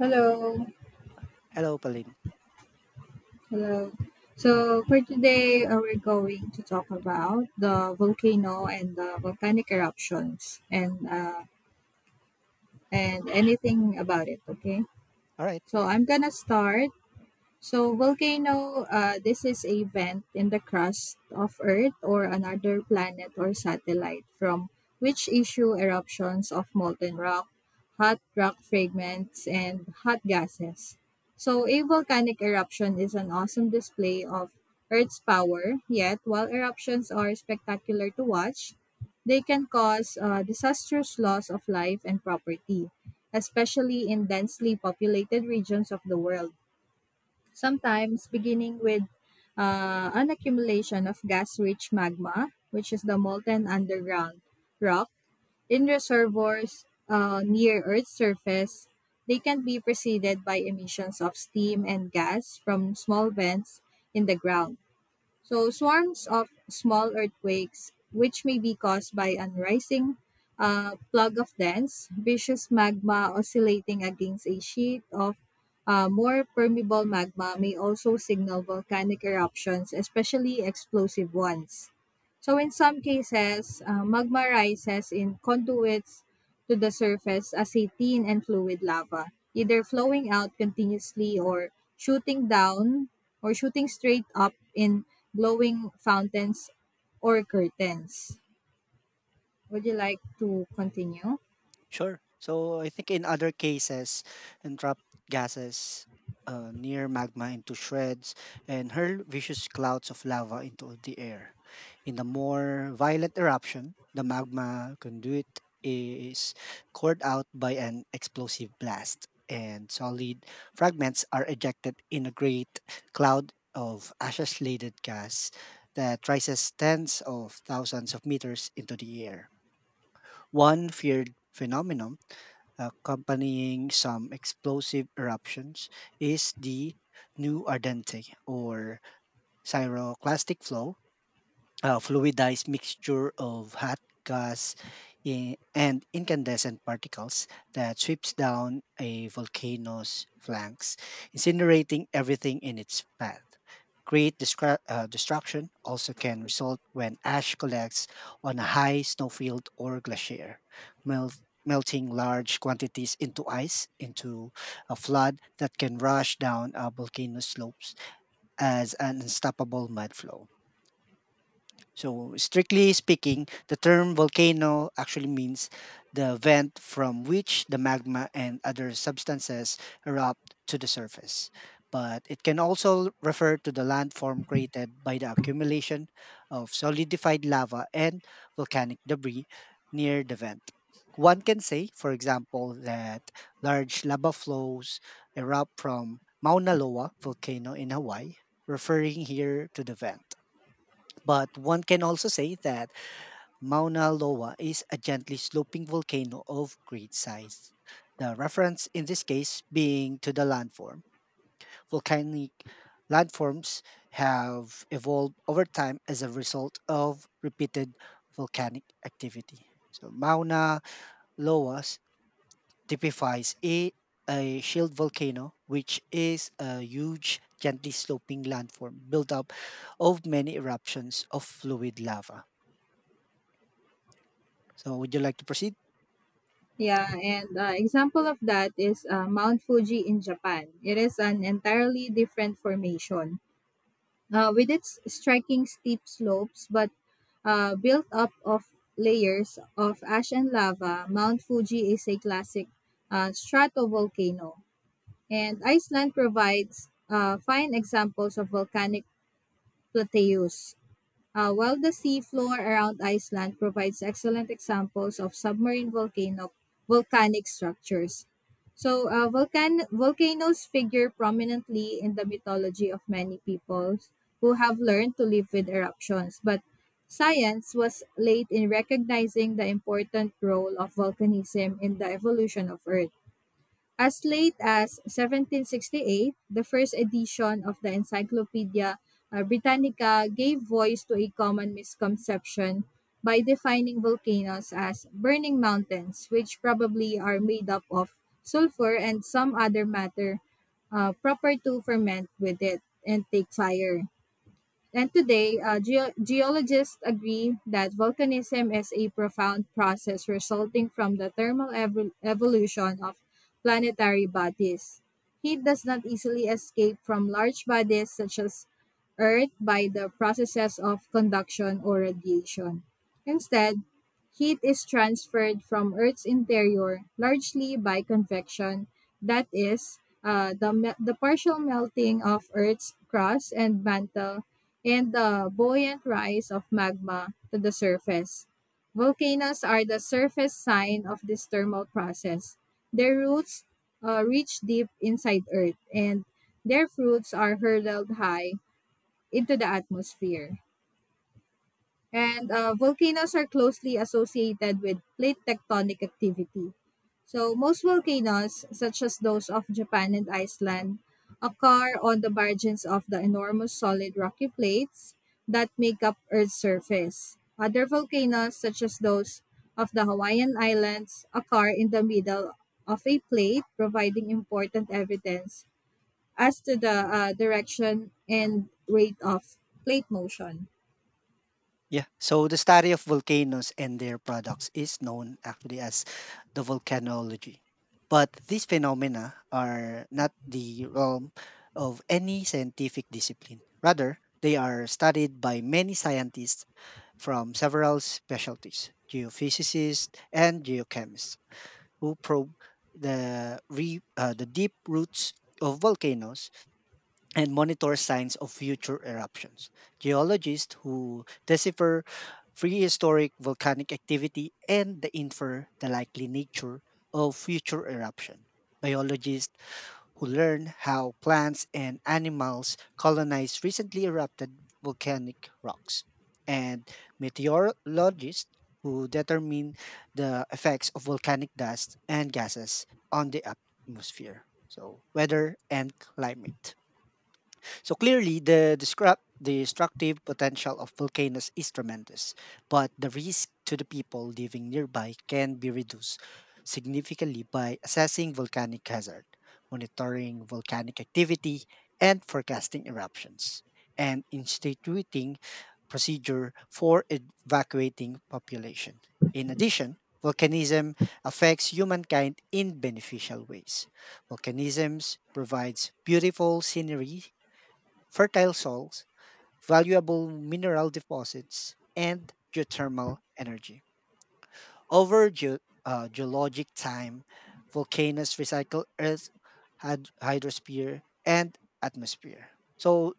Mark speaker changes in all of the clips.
Speaker 1: Hello,
Speaker 2: Hello, Pauline.
Speaker 1: hello. So for today, we're going to talk about the volcano and the volcanic eruptions and and anything about it. Okay.
Speaker 2: All right,
Speaker 1: So I'm gonna start. So volcano, this is a vent in the crust of Earth or another planet or satellite from which issue eruptions of molten rock, hot rock fragments, and hot gases. So a volcanic eruption is an awesome display of Earth's power, yet while eruptions are spectacular to watch, they can cause disastrous loss of life and property, especially in densely populated regions of the world. Sometimes beginning with an accumulation of gas rich magma, which is the molten underground rock, in reservoirs near Earth's surface. They can be preceded by emissions of steam and gas from small vents in the ground. So swarms of small earthquakes, which may be caused by unrising plug of dense, viscous magma oscillating against a sheet of more permeable magma may also signal volcanic eruptions, especially explosive ones. So in some cases, magma rises in conduits to the surface as a thin and fluid lava, either flowing out continuously or shooting down or shooting straight up in glowing fountains or curtains. Would you like to continue?
Speaker 2: sure. So I think in other cases, entrapped gases near magma into shreds and hurl vicious clouds of lava into the air. In the more violent eruption, the magma conduit is cored out by an explosive blast, and solid fragments are ejected in a great cloud of ashes laden gas that rises tens of thousands of meters into the air. One feared phenomenon accompanying some explosive eruptions is the new ardente or pyroclastic flow fluidized mixture of hot gas and incandescent particles that sweeps down a volcano's flanks, incinerating everything in its path. Destruction also can result when ash collects on a high snowfield or glacier, melting large quantities into ice, into a flood that can rush down a volcano slopes as an unstoppable mudflow. So, strictly speaking, the term volcano actually means the vent from which the magma and other substances erupt to the surface. But it can also refer to the landform created by the accumulation of solidified lava and volcanic debris near the vent. One can say, for example, that large lava flows erupt from Mauna Loa volcano in Hawaii, referring here to the vent. But one can also say that Mauna Loa is a gently sloping volcano of great size. The reference in this case being to the landform. Volcanic landforms have evolved over time as a result of repeated volcanic activity. So Mauna Loa s- typifies a shield volcano, which is a huge, gently sloping landform built up of many eruptions of fluid lava. So would you like to proceed?
Speaker 1: Yeah, and example of that is Mount Fuji in Japan. It is an entirely different formation, with its striking steep slopes, but built up of layers of ash and lava, Mount Fuji is a classic stratovolcano. And Iceland provides fine examples of volcanic plateaus. While the seafloor around Iceland provides excellent examples of submarine volcano volcanic structures. So, volcanoes figure prominently in the mythology of many peoples who have learned to live with eruptions, but science was late in recognizing the important role of volcanism in the evolution of Earth. As late as 1768, the first edition of the Encyclopedia Britannica gave voice to a common misconception by defining volcanoes as burning mountains, which probably are made up of sulfur and some other matter proper to ferment with it and take fire. And today, geologists agree that volcanism is a profound process resulting from the thermal evolution of planetary bodies. Heat does not easily escape from large bodies such as Earth by the processes of conduction or radiation. Instead, heat is transferred from Earth's interior largely by convection, that is, the partial melting of Earth's crust and mantle and the buoyant rise of magma to the surface. Volcanoes are the surface sign of this thermal process. Their roots reach deep inside Earth, and their fruits are hurled high into the atmosphere. And volcanoes are closely associated with plate tectonic activity. So, most volcanoes, such as those of Japan and Iceland, occur on the margins of the enormous solid rocky plates that make up Earth's surface. Other volcanoes, such as those of the Hawaiian Islands, occur in the middle of a plate, providing important evidence as to the direction and rate of plate motion.
Speaker 2: Yeah. So the study of volcanoes and their products is known actually as the volcanology. But these phenomena are not the realm of any scientific discipline. Rather, they are studied by many scientists from several specialties geophysicists and geochemists, who probe the deep roots of volcanoes and monitor signs of future eruptions. Geologists who decipher prehistoric volcanic activity and the infer the likely nature of future eruption. Biologists who learn how plants and animals colonize recently erupted volcanic rocks, and meteorologists who determine the effects of volcanic dust and gases on the atmosphere. So, weather and climate. So clearly, the destructive potential of volcanoes is tremendous, but the risk to the people living nearby can be reduced significantly by assessing volcanic hazard, monitoring volcanic activity, and forecasting eruptions, and instituting procedure for evacuating population. In addition, volcanism affects humankind in beneficial ways. Volcanism provides beautiful scenery, fertile soils, valuable mineral deposits, and geothermal energy. Over geologic time, volcanoes recycle Earth's hydrosphere and atmosphere. So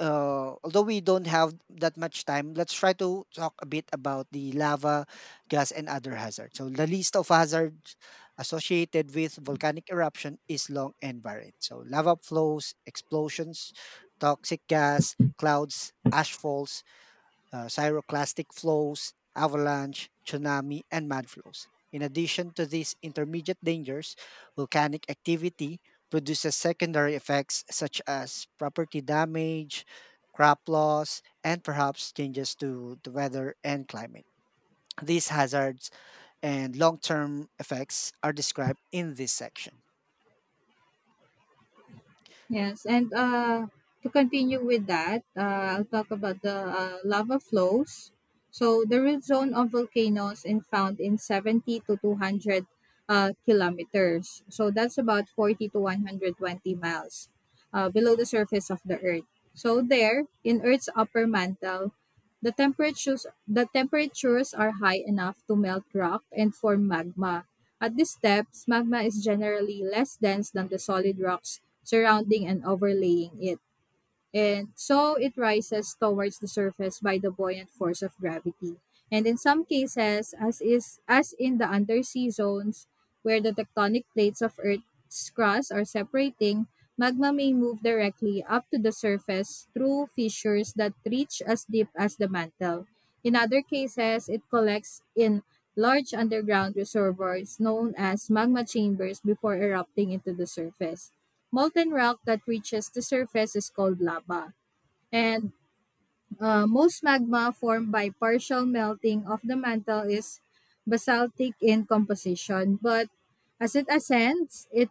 Speaker 2: although we don't have that much time, let's try to talk a bit about the lava, gas, and other hazards. So the list of hazards associated with volcanic eruption is long and varied. So lava flows, explosions, toxic gas, clouds, ash falls, pyroclastic flows, avalanche, tsunami, and mud flows. In addition to these intermediate dangers, volcanic activity produces secondary effects such as property damage, crop loss, and perhaps changes to the weather and climate. These hazards and long term effects are described in this section.
Speaker 1: Yes, and to continue with that, I'll talk about the lava flows. So the root zone of volcanoes is found in 70 to 200 kilometers. So that's about 40 to 120 miles below the surface of the Earth. So there, in Earth's upper mantle, the temperatures are high enough to melt rock and form magma. At these steps, magma is generally less dense than the solid rocks surrounding and overlaying it, and so it rises towards the surface by the buoyant force of gravity. And in some cases, as is as in the undersea zones where the tectonic plates of Earth's crust are separating, magma may move directly up to the surface through fissures that reach as deep as the mantle. In other cases, it collects in large underground reservoirs known as magma chambers before erupting into the surface. Molten rock that reaches the surface is called lava, and most magma formed by partial melting of the mantle is basaltic in composition, but as it ascends, it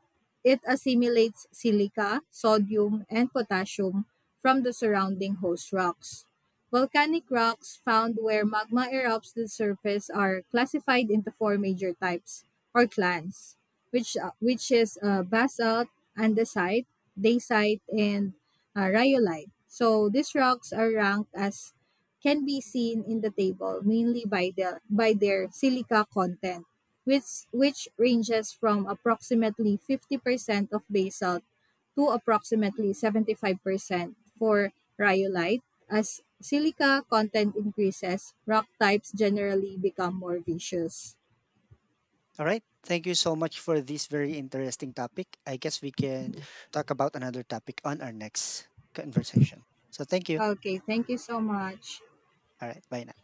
Speaker 1: it assimilates silica, sodium, and potassium from the surrounding host rocks. Volcanic rocks found where magma erupts to the surface are classified into four major types or clans, which is basalt, andesite, dacite, and rhyolite. So these rocks are ranked as can be seen in the table mainly by their silica content, which ranges from approximately 50% of basalt to approximately 75% for rhyolite. As silica content increases, rock types generally become more viscous.
Speaker 2: All right. Thank you so much for this very interesting topic. I guess we can talk about another topic on our next conversation. So thank you.
Speaker 1: Okay, thank you so much.
Speaker 2: All right. Bye now.